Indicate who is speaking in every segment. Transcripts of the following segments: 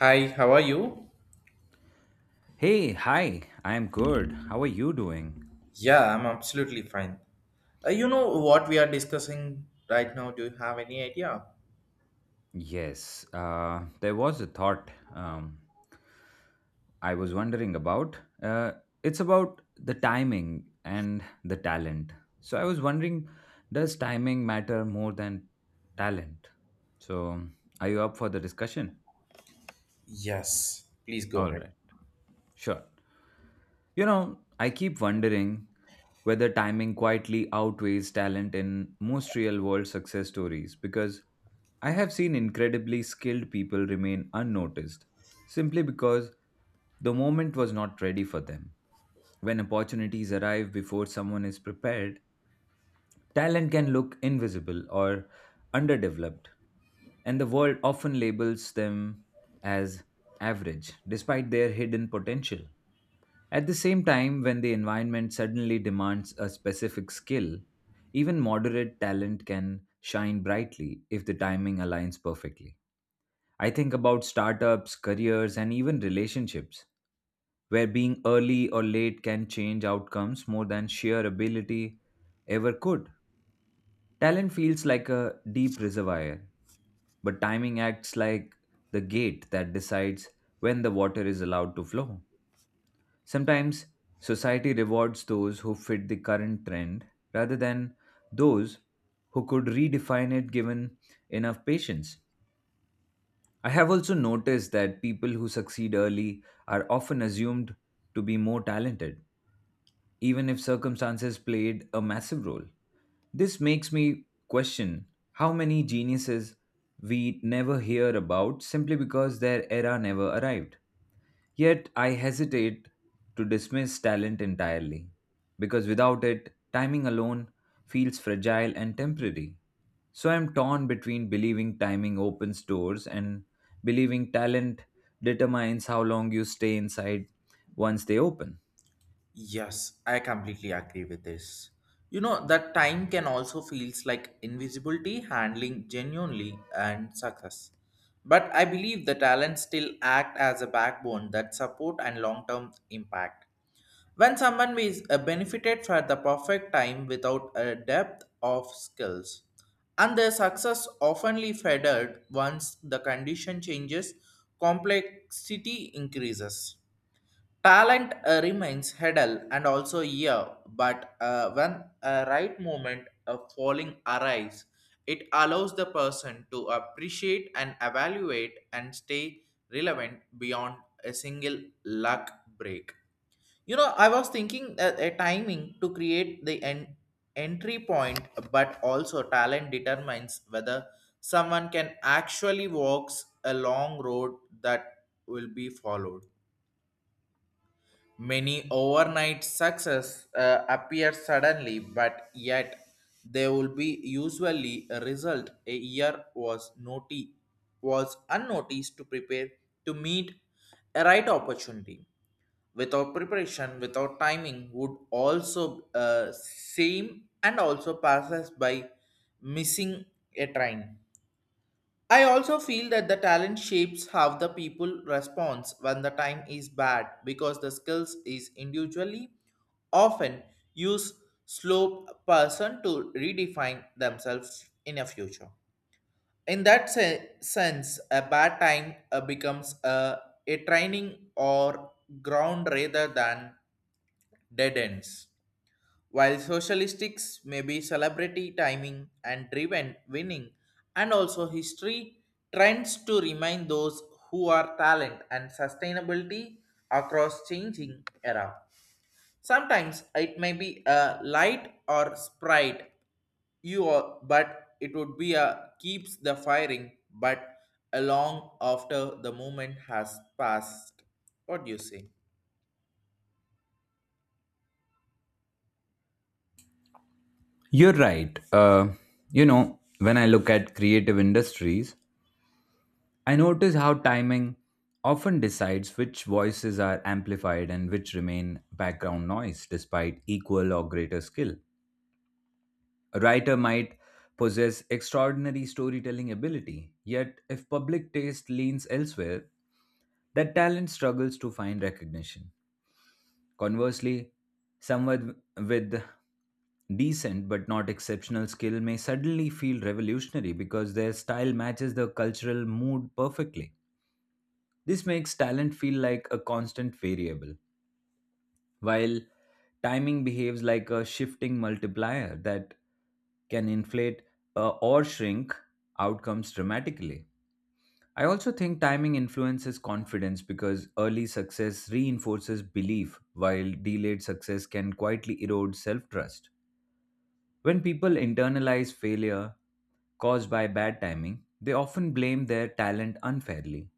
Speaker 1: Hi, how are you?
Speaker 2: Hey, hi, I'm good. How are you doing?
Speaker 1: Yeah, I'm absolutely fine. You know what we are discussing right now? Do you have any idea?
Speaker 2: Yes, there was a thought I was wondering about. It's about the timing and the talent. So I was wondering, does timing matter more than talent? So are you up for the discussion?
Speaker 1: Yes, please go
Speaker 2: All
Speaker 1: ahead.
Speaker 2: right, sure. You know, I keep wondering whether timing quietly outweighs talent in most real world success stories because I have seen incredibly skilled people remain unnoticed simply because the moment was not ready for them. When opportunities arrive before someone is prepared, talent can look invisible or underdeveloped, and the world often labels them as average despite their hidden potential. At the same time, when the environment suddenly demands a specific skill, even moderate talent can shine brightly if the timing aligns perfectly. I think about startups, careers, and even relationships, where being early or late can change outcomes more than sheer ability ever could. Talent feels like a deep reservoir, but timing acts like the gate that decides when the water is allowed to flow. Sometimes society rewards those who fit the current trend rather than those who could redefine it given enough patience. I have also noticed that people who succeed early are often assumed to be more talented, even if circumstances played a massive role. This makes me question how many geniuses we never hear about simply because their era never arrived. Yet I hesitate to dismiss talent entirely, because without it, timing alone feels fragile and temporary. So I'm torn between believing timing opens doors and believing talent determines how long you stay inside once they open.
Speaker 1: Yes, I completely agree with this. You know that time can also feels like invisibility handling genuinely and success. But I believe the talents still act as a backbone that support and long-term impact. When someone is benefited for the perfect time without a depth of skills, and their success oftenly faded once the condition changes, complexity increases. Talent remains hidden and also here, but when a right moment of falling arrives, it allows the person to appreciate and evaluate and stay relevant beyond a single luck break. You know, I was thinking that a timing to create the entry point, but also talent determines whether someone can actually walks a long road that will be followed. Many overnight success appear suddenly, but yet they will be usually a result a year was was unnoticed to prepare to meet a right opportunity without preparation, without timing, would also seem and also passes by missing a train. I also feel that the talent shapes how the people responds when the time is bad because the skills is individually often use slow person to redefine themselves in a future. In that sense, a bad time becomes a training or ground rather than dead ends. While socialistics may be celebrity timing and driven winning, and also history trends to remind those who are talent and sustainability across changing era. Sometimes it may be a light or sprite you are, but it would be a keeps the firing but along after the moment has passed. What do you say?
Speaker 2: You're right. You know, when I look at creative industries, I notice how timing often decides which voices are amplified and which remain background noise despite equal or greater skill. A writer might possess extraordinary storytelling ability, yet, if public taste leans elsewhere, that talent struggles to find recognition. Conversely, someone with decent but not exceptional skill may suddenly feel revolutionary because their style matches the cultural mood perfectly. This makes talent feel like a constant variable, while timing behaves like a shifting multiplier that can inflate or shrink outcomes dramatically. I also think timing influences confidence because early success reinforces belief, while delayed success can quietly erode self trust. When people internalize failure caused by bad timing, they often blame their talent unfairly.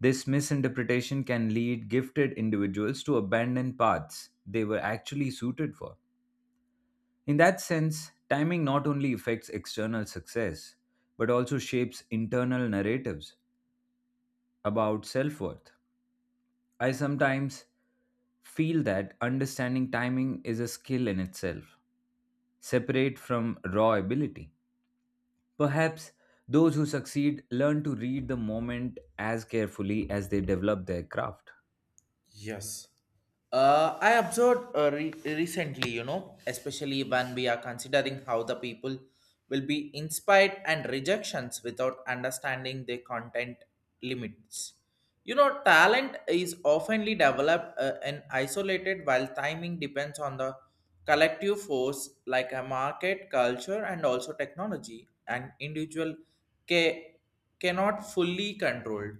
Speaker 2: This misinterpretation can lead gifted individuals to abandon paths they were actually suited for. In that sense, timing not only affects external success, but also shapes internal narratives about self worth. I sometimes feel that understanding timing is a skill in itself, separate from raw ability. Perhaps those who succeed learn to read the moment as carefully as they develop their craft.
Speaker 1: Yes. I observed recently, you know, especially when we are considering how the people will be inspired and rejections without understanding their content limits. You know, talent is oftenly developed and isolated, while timing depends on the collective force like a market, culture, and also technology, and individual ca- cannot fully control.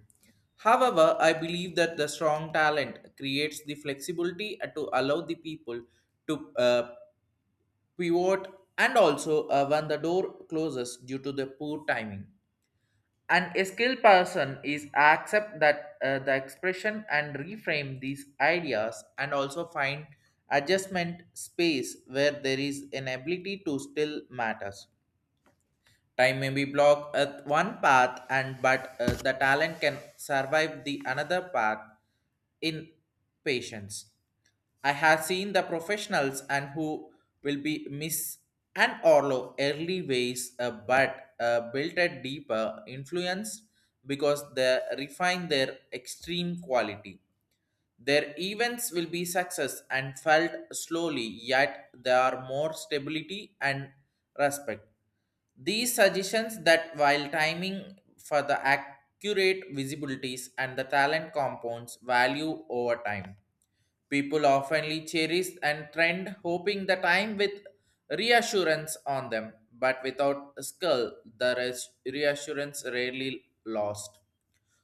Speaker 1: However, I believe that the strong talent creates the flexibility to allow the people to pivot and also when the door closes due to the poor timing an a skilled person is accept that the expression and reframe these ideas and also find adjustment space where there is an ability to still matters. Time may be blocked at one path, and but the talent can survive the another path in patience. I have seen the professionals and who will be Miss and Orlo early ways, but built a deeper influence because they refine their extreme quality. Their events will be success and felt slowly, yet there are more stability and respect. These suggestions that while timing for the accurate visibilities and the talent compounds value over time. People oftenly cherish and trend hoping the time with reassurance on them, but without a skill, the reassurance rarely lost.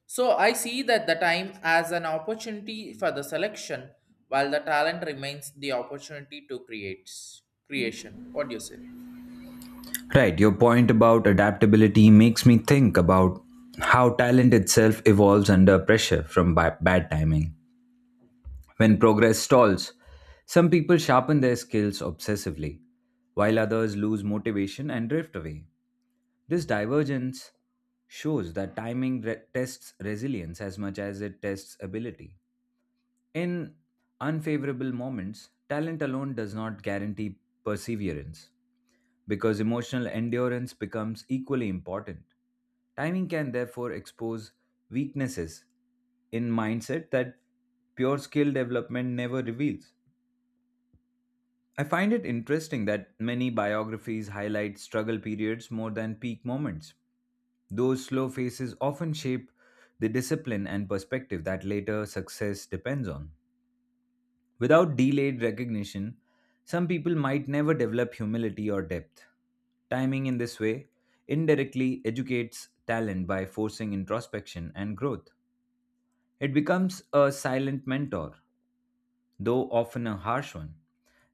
Speaker 1: So I see that the time as an opportunity for the selection, while the talent remains the opportunity to create creation. What do you say?
Speaker 2: Right, your point about adaptability makes me think about how talent itself evolves under pressure from bad timing. When progress stalls, some people sharpen their skills obsessively, while others lose motivation and drift away. This divergence shows that timing tests resilience as much as it tests ability. In unfavorable moments, talent alone does not guarantee perseverance because emotional endurance becomes equally important. Timing can therefore expose weaknesses in mindset that pure skill development never reveals. I find it interesting that many biographies highlight struggle periods more than peak moments. Those slow phases often shape the discipline and perspective that later success depends on. Without delayed recognition, some people might never develop humility or depth. Timing in this way indirectly educates talent by forcing introspection and growth. It becomes a silent mentor, though often a harsh one.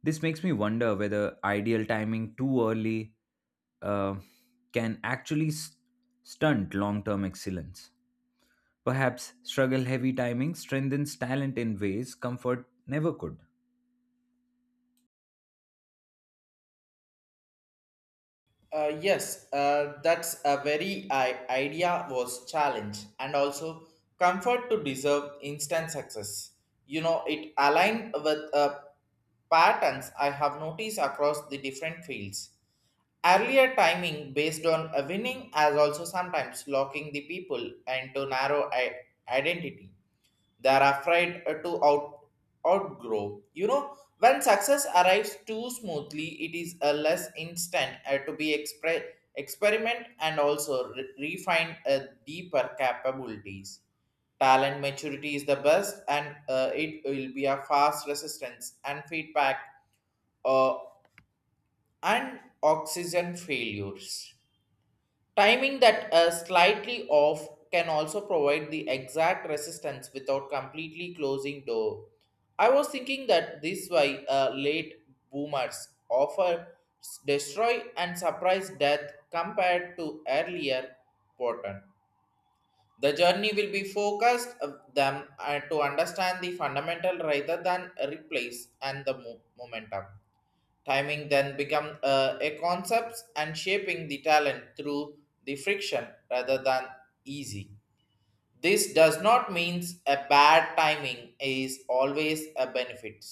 Speaker 2: This makes me wonder whether ideal timing too early uh, can actually stunt long term excellence. Perhaps struggle heavy timing strengthens talent in ways comfort never could.
Speaker 1: Yes, that's a very idea was challenge and also comfort to deserve instant success. You know, it aligned with patterns I have noticed across the different fields. Earlier timing based on a winning as also sometimes locking the people into narrow identity they are afraid to out outgrow, you know, when success arrives too smoothly it is a less instant to be experiment and also refine deeper capabilities. Talent maturity is the best and it will be a fast resistance and feedback uh, and oxygen failures. Timing that slightly off can also provide the exact resistance without completely closing door. I was thinking that this way late boomers offer destroy and surprise death compared to earlier pattern. The journey will be focused of them to understand the fundamental rather than replace and the momentum. Timing then become a concept and shaping the talent through the friction rather than easy. This does not mean a bad timing is always a benefit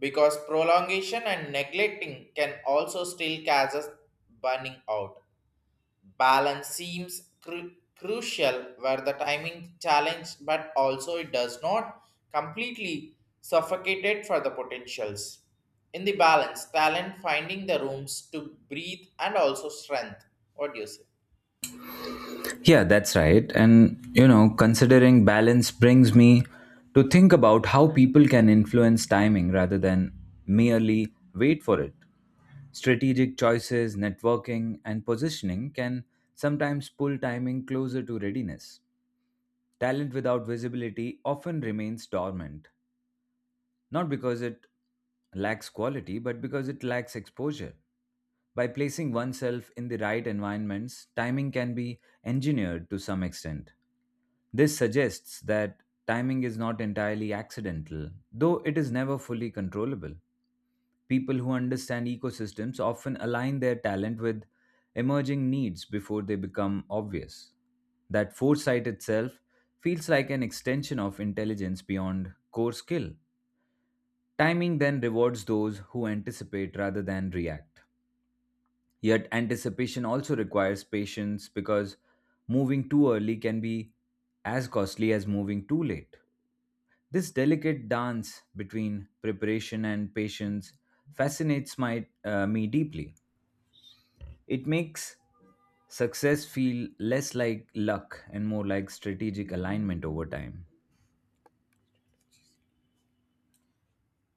Speaker 1: because prolongation and neglecting can also still cause us burning out. Balance seems crucial where the timing challenge, but also it does not completely suffocate it for the potentials. In the balance, talent finding the rooms to breathe and also strength. What do you say?
Speaker 2: Yeah, that's right. And, you know, considering balance brings me to think about how people can influence timing rather than merely wait for it. Strategic choices, networking, and positioning can sometimes pull timing closer to readiness. Talent without visibility often remains dormant, not because it lacks quality, but because it lacks exposure. By placing oneself in the right environments, timing can be engineered to some extent. This suggests that timing is not entirely accidental, though it is never fully controllable. People who understand ecosystems often align their talent with emerging needs before they become obvious. That foresight itself feels like an extension of intelligence beyond core skill. Timing then rewards those who anticipate rather than react. Yet, anticipation also requires patience because moving too early can be as costly as moving too late. This delicate dance between preparation and patience fascinates me deeply. It makes success feel less like luck and more like strategic alignment over time.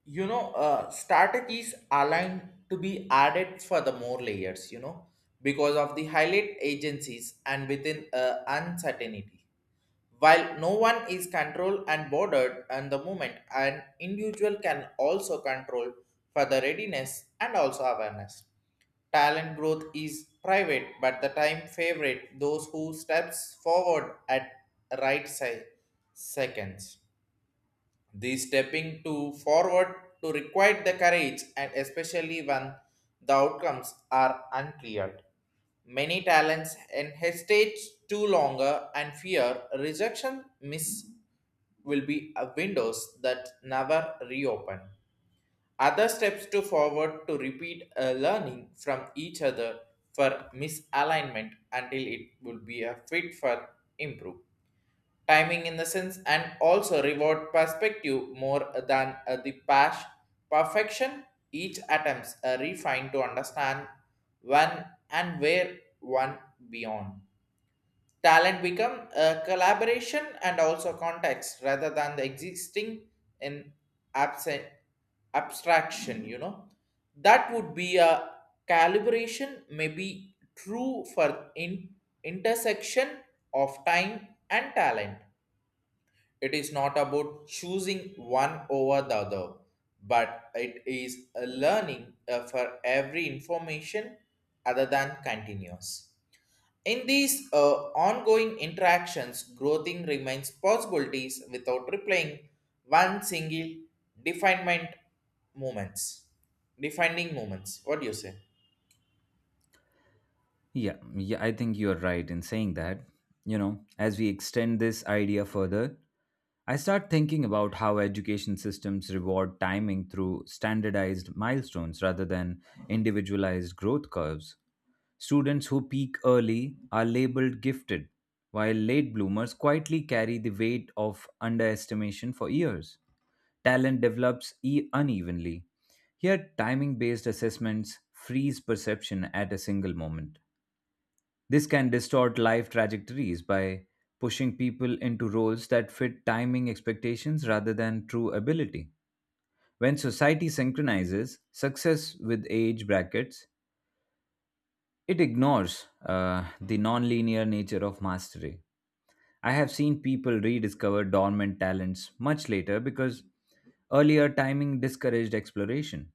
Speaker 1: You know, strategies aligned to be added for the more layers, you know, because of the highlight agencies and within uncertainty. While no one is controlled and bordered and the moment, an individual can also control for the readiness and also awareness. Talent growth is private, but the time favorite those who steps forward at right seconds. The stepping to forward to require the courage and especially when the outcomes are unclear. Many talents and hesitate too longer and fear rejection miss will be a windows that never reopen. Other steps to forward to repeat a learning from each other for misalignment until it will be a fit for improve timing in the sense and also reward perspective more than the past perfection. Each attempts a refine to understand when and where one beyond talent become a collaboration and also context rather than the existing in absent abstraction, you know, that would be a calibration may be true for in intersection of time and talent. It is not about choosing one over the other, but it is a learning for every information other than continuous. In these ongoing interactions, growing remains possibilities without replaying one single definement moments. Defining moments. What do you say?
Speaker 2: Yeah, yeah, I think you're right in saying that. You know, as we extend this idea further, I start thinking about how education systems reward timing through standardized milestones rather than individualized growth curves. Students who peak early are labeled gifted, while late bloomers quietly carry the weight of underestimation for years. Talent develops unevenly. Here, timing based assessments freeze perception at a single moment. This can distort life trajectories by pushing people into roles that fit timing expectations rather than true ability. When society synchronizes success with age brackets, it ignores the non-linear nature of mastery. I have seen people rediscover dormant talents much later because earlier timing discouraged exploration.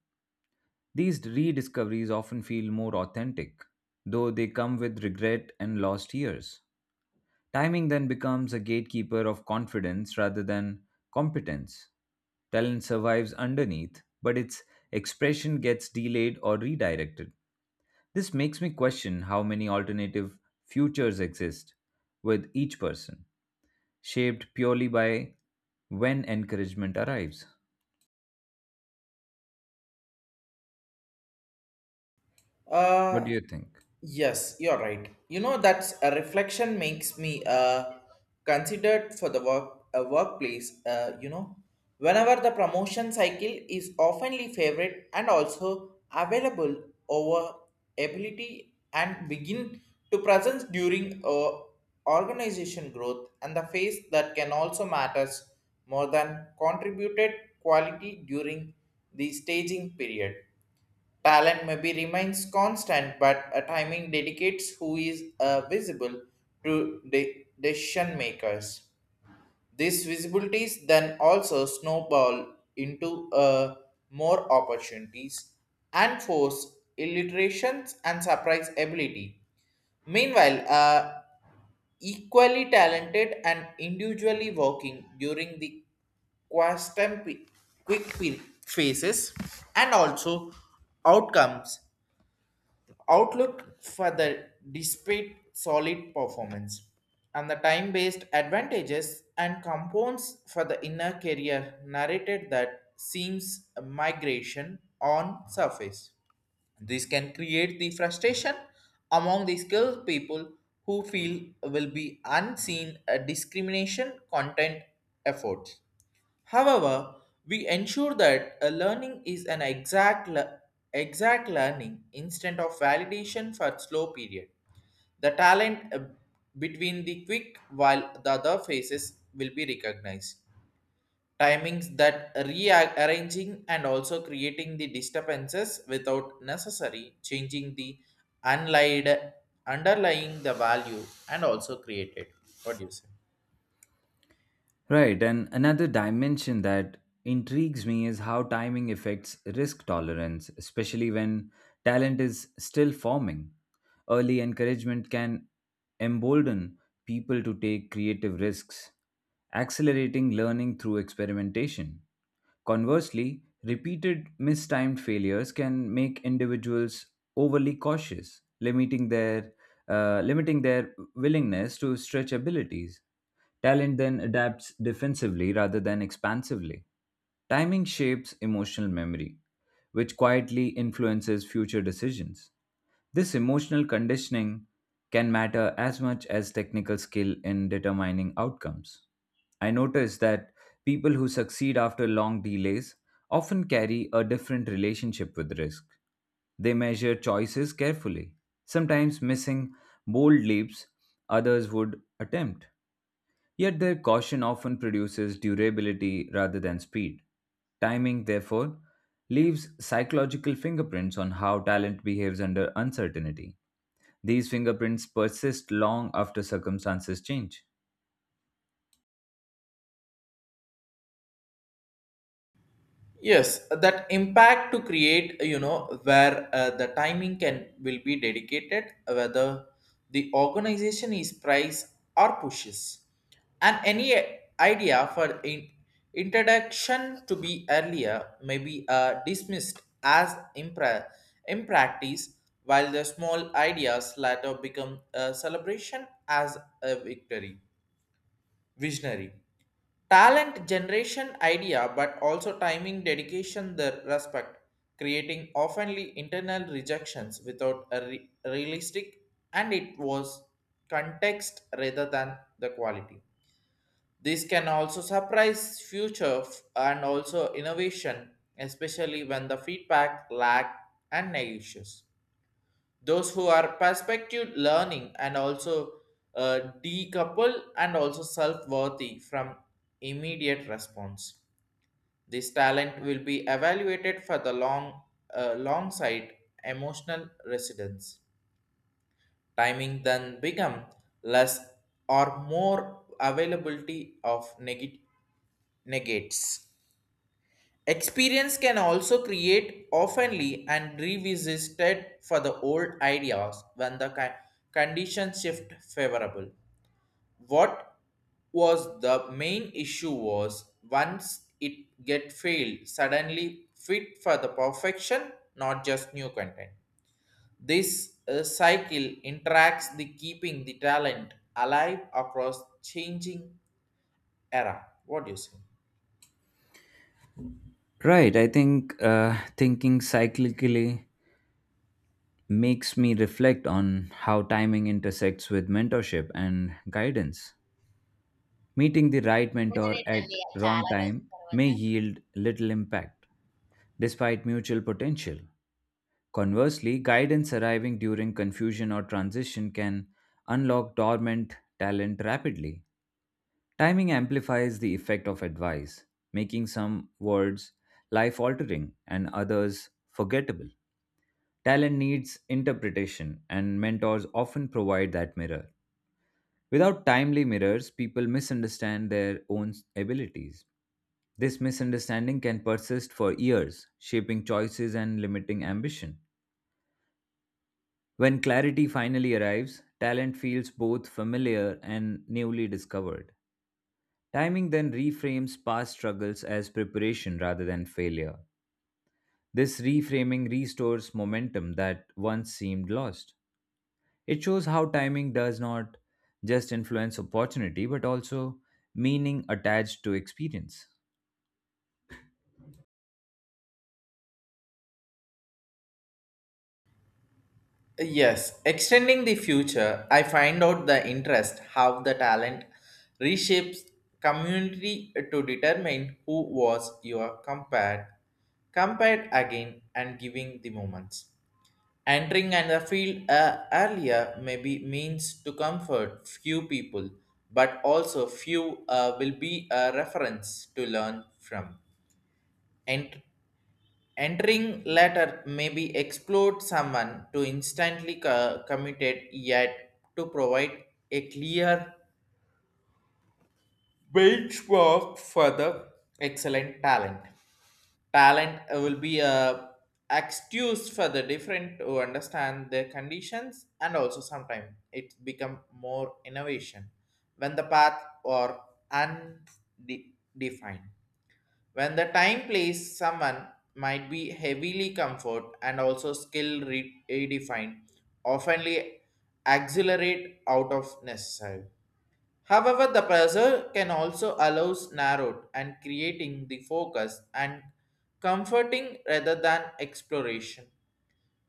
Speaker 2: These rediscoveries often feel more authentic, though they come with regret and lost years. Timing then becomes a gatekeeper of confidence rather than competence. Talent survives underneath, but its expression gets delayed or redirected. This makes me question how many alternative futures exist with each person, shaped purely by when encouragement arrives. What
Speaker 1: Uh,
Speaker 2: do you think?
Speaker 1: Yes, you're right. You know that's a reflection makes me considered for the work a workplace. You know, whenever the promotion cycle is oftenly favored and also available over ability and begin to presence during organization growth and the phase that can also matters more than contributed quality during the staging period. Talent maybe remains constant, but a timing dedicates who is visible to decision makers. These visibilities then also snowball into more opportunities and force illiterations and surprise ability. Meanwhile, equally talented and individually working during the quantum quick pin phases and also outcomes outlook for the despite solid performance and the time-based advantages and compounds for the inner career narrated that seems a migration on surface. This can create the frustration among the skilled people who feel will be unseen a discrimination content efforts. However, we ensure that a learning is an exact, exact learning instead of validation for slow period. The talent between the quick while the other phases will be recognized. Timings that rearranging and also creating the disturbances without necessary changing the unlied, underlying the value and also created. What do you say?
Speaker 2: Right, and another dimension that intrigues me is how timing affects risk tolerance, especially when talent is still forming. Early encouragement can embolden people to take creative risks, accelerating learning through experimentation. Conversely, repeated mistimed failures can make individuals overly cautious, limiting their willingness to stretch abilities. Talent then adapts defensively rather than expansively. Timing shapes emotional memory, which quietly influences future decisions. This emotional conditioning can matter as much as technical skill in determining outcomes. I noticed that people who succeed after long delays often carry a different relationship with risk. They measure choices carefully, sometimes missing bold leaps others would attempt. Yet their caution often produces durability rather than speed. Timing, therefore, leaves psychological fingerprints on how talent behaves under uncertainty. These fingerprints persist long after circumstances change.
Speaker 1: Yes, that impact to create, you know, where the timing can will be dedicated whether the organization is price or pushes and any idea for introduction to be earlier may be dismissed as impractice while the small ideas later become a celebration as a victory visionary. Talent generation idea, but also timing, dedication, the respect, creating oftenly internal rejections without a realistic, and it was context rather than the quality. This can also surprise future and also innovation, especially when the feedback lack and negations those who are perspective learning and also decouple and also self-worthy from immediate response. This talent will be evaluated for the long long side emotional residence. Timing then become less or more availability of negates. Experience can also create oftenly and revisited for the old ideas when the conditions shift favorable. What was the main issue was once it get failed suddenly fit for the perfection, not just new content. This cycle interacts the keeping the talent alive across changing era. What do you say?
Speaker 2: Right, I think thinking cyclically makes me reflect on how timing intersects with mentorship and guidance. Meeting the right mentor at wrong time may yield little impact despite mutual potential. Conversely, guidance arriving during confusion or transition can unlock dormant talent rapidly. Timing amplifies the effect of advice, making some words life altering and others forgettable. Talent needs interpretation, and mentors often provide that mirror. Without timely mirrors, people misunderstand their own abilities. This misunderstanding can persist for years, shaping choices and limiting ambition. When clarity finally arrives, talent feels both familiar and newly discovered. Timing then reframes past struggles as preparation rather than failure. This reframing restores momentum that once seemed lost. It shows how timing does not just influence opportunity, but also meaning attached to experience.
Speaker 1: Yes, extending the future, I find out the interest how the talent reshapes community to determine who was your compared again and giving the moments. Entering and the field earlier maybe means to comfort few people, but also few will be a reference to learn from. Entering letter be explode someone to instantly committed yet to provide a clear benchmark for the excellent talent. Talent will be excused for the different to understand their conditions and also sometimes it become more innovation when the path are undefined. When the time plays, someone might be heavily comfort and also skill redefined, oftenly accelerate out of necessary. However, the pressure can also allows narrowed and creating the focus and comforting rather than exploration.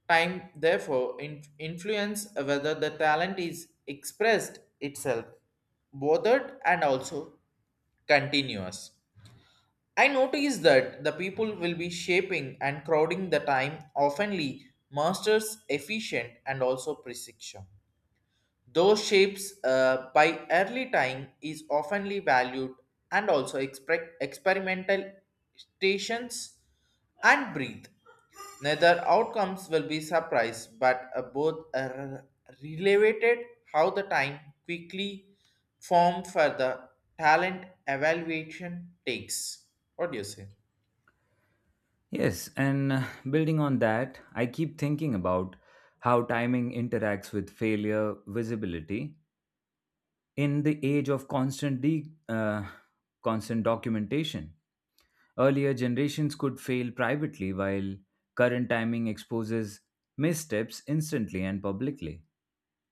Speaker 1: Time, therefore, influence whether the talent is expressed itself, bothered and also continuous. I noticed that the people will be shaping and crowding the time, oftenly masters efficient and also precision. Those shapes by early time is oftenly valued and also experimental stations and breathe. Neither outcomes will be surprised, but both are related how the time quickly form for the talent evaluation takes. What do you say?
Speaker 2: Yes, and building on that, I keep thinking about how timing interacts with failure visibility in the age of constant documentation. Earlier generations could fail privately, while current timing exposes missteps instantly and publicly.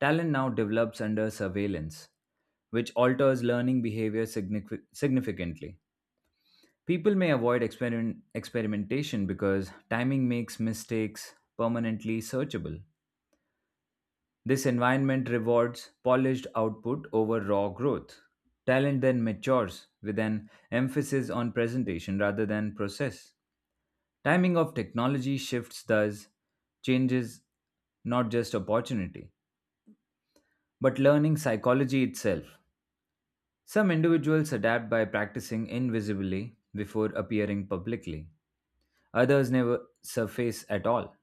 Speaker 2: Talent now develops under surveillance, which alters learning behavior significantly. People may avoid experimentation because timing makes mistakes permanently searchable. This environment rewards polished output over raw growth. Talent then matures with an emphasis on presentation rather than process. Timing of technology shifts thus changes not just opportunity, but learning psychology itself. Some individuals adapt by practicing invisibly before appearing publicly. Others never surface at all,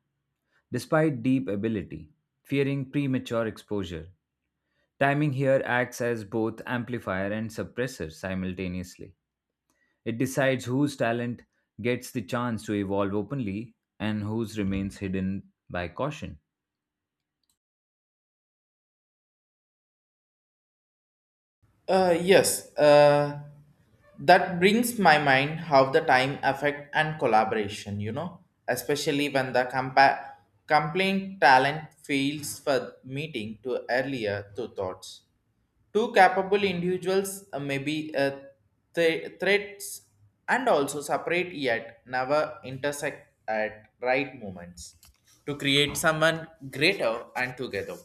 Speaker 2: despite deep ability, fearing premature exposure. Timing here acts as both amplifier and suppressor simultaneously. It decides whose talent gets the chance to evolve openly and whose remains hidden by caution.
Speaker 1: Yes. That brings my mind how the time affect and collaboration, you know, especially when the complaint talent fails for meeting to earlier to thoughts. Two capable individuals may be threats and also separate yet never intersect at right moments to create someone greater and together.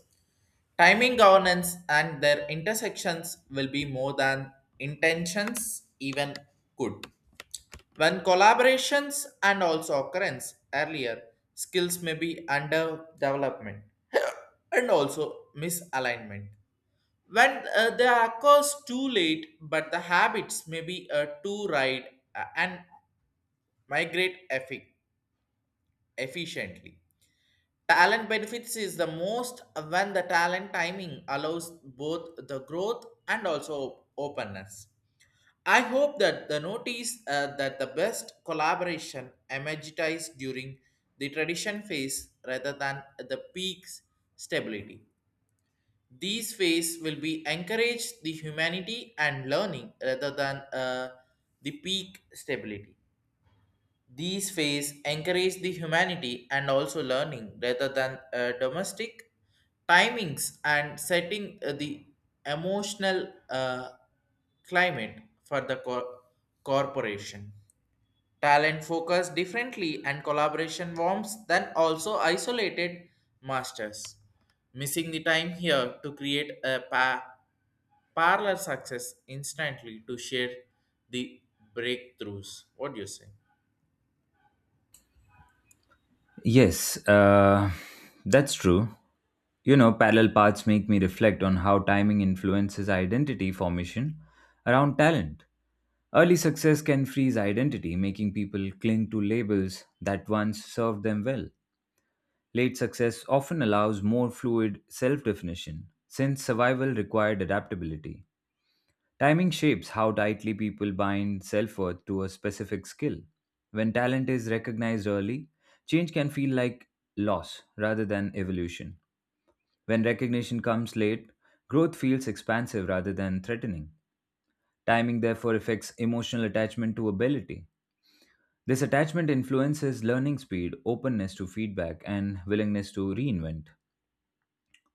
Speaker 1: Timing governance and their intersections will be more than intentions even could. When collaborations and also occurrence earlier, skills may be under development and also misalignment when the occurs too late, but the habits may be too right and migrate efficiently. Talent benefits is the most when the talent timing allows both the growth and also openness. I hope that the notice that the best collaboration emerged during the tradition phase rather than the peak's stability. These ways will be encourage the humanity and learning rather than the peak stability. These ways encourage the humanity and also learning rather than domestic timings and setting the emotional climate for the corporation. Talent focus differently and collaboration warms than also isolated masters. Missing the time here to create a parallel success instantly to share the breakthroughs. What do you say?
Speaker 2: Yes, that's true. You know, parallel paths make me reflect on how timing influences identity formation around talent. Early success can freeze identity, making people cling to labels that once served them well. Late success often allows more fluid self definition, since survival required adaptability. Timing shapes how tightly people bind self worth to a specific skill. When talent is recognized early, change can feel like loss rather than evolution. When recognition comes late, growth feels expansive rather than threatening. Timing therefore affects emotional attachment to ability. This attachment influences learning speed, openness to feedback, and willingness to reinvent.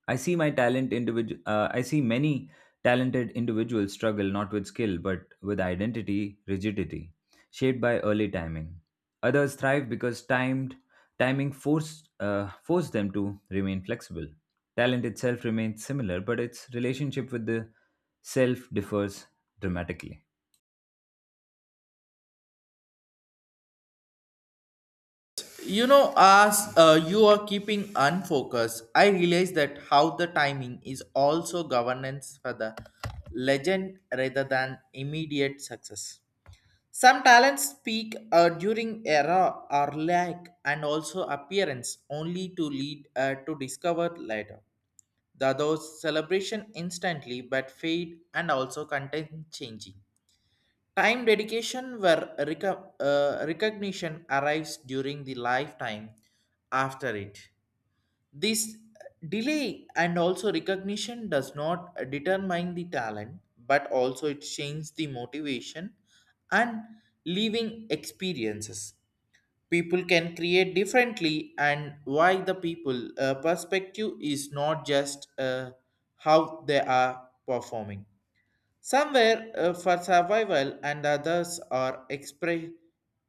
Speaker 2: I see my talent individual. I see many talented individuals struggle not with skill but with identity rigidity, shaped by early timing. Others thrive because timed timing forced them to remain flexible. Talent itself remains similar, but its relationship with the self differs dramatically.
Speaker 1: You know, as you are keeping unfocused, I realize that how the timing is also governance for the legend rather than immediate success. Some talents peak during era or lack and also appearance only to lead to discover later. The others celebration instantly but fade and also content changing. Time dedication where recognition arrives during the lifetime after it. This delay and also recognition does not determine the talent, but also it changes the motivation and living experiences. People can create differently, and why the people perspective is not just how they are performing. Somewhere for survival, and others are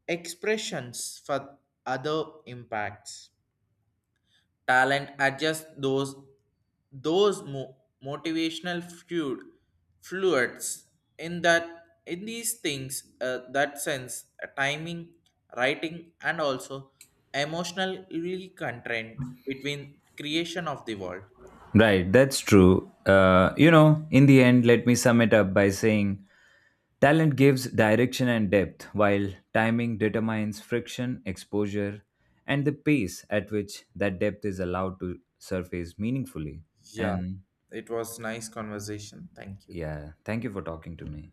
Speaker 1: expressions for other impacts. Talent adjust those motivational fluids in that in these things that sense, timing writing and also emotionally content between creation of the world.
Speaker 2: Right, that's true. You know, in the end, let me sum it up by saying talent gives direction and depth, while timing determines friction, exposure, and the pace at which that depth is allowed to surface meaningfully.
Speaker 1: Yeah,
Speaker 2: And
Speaker 1: it was nice conversation, thank you.
Speaker 2: yeah, thank you for talking to me.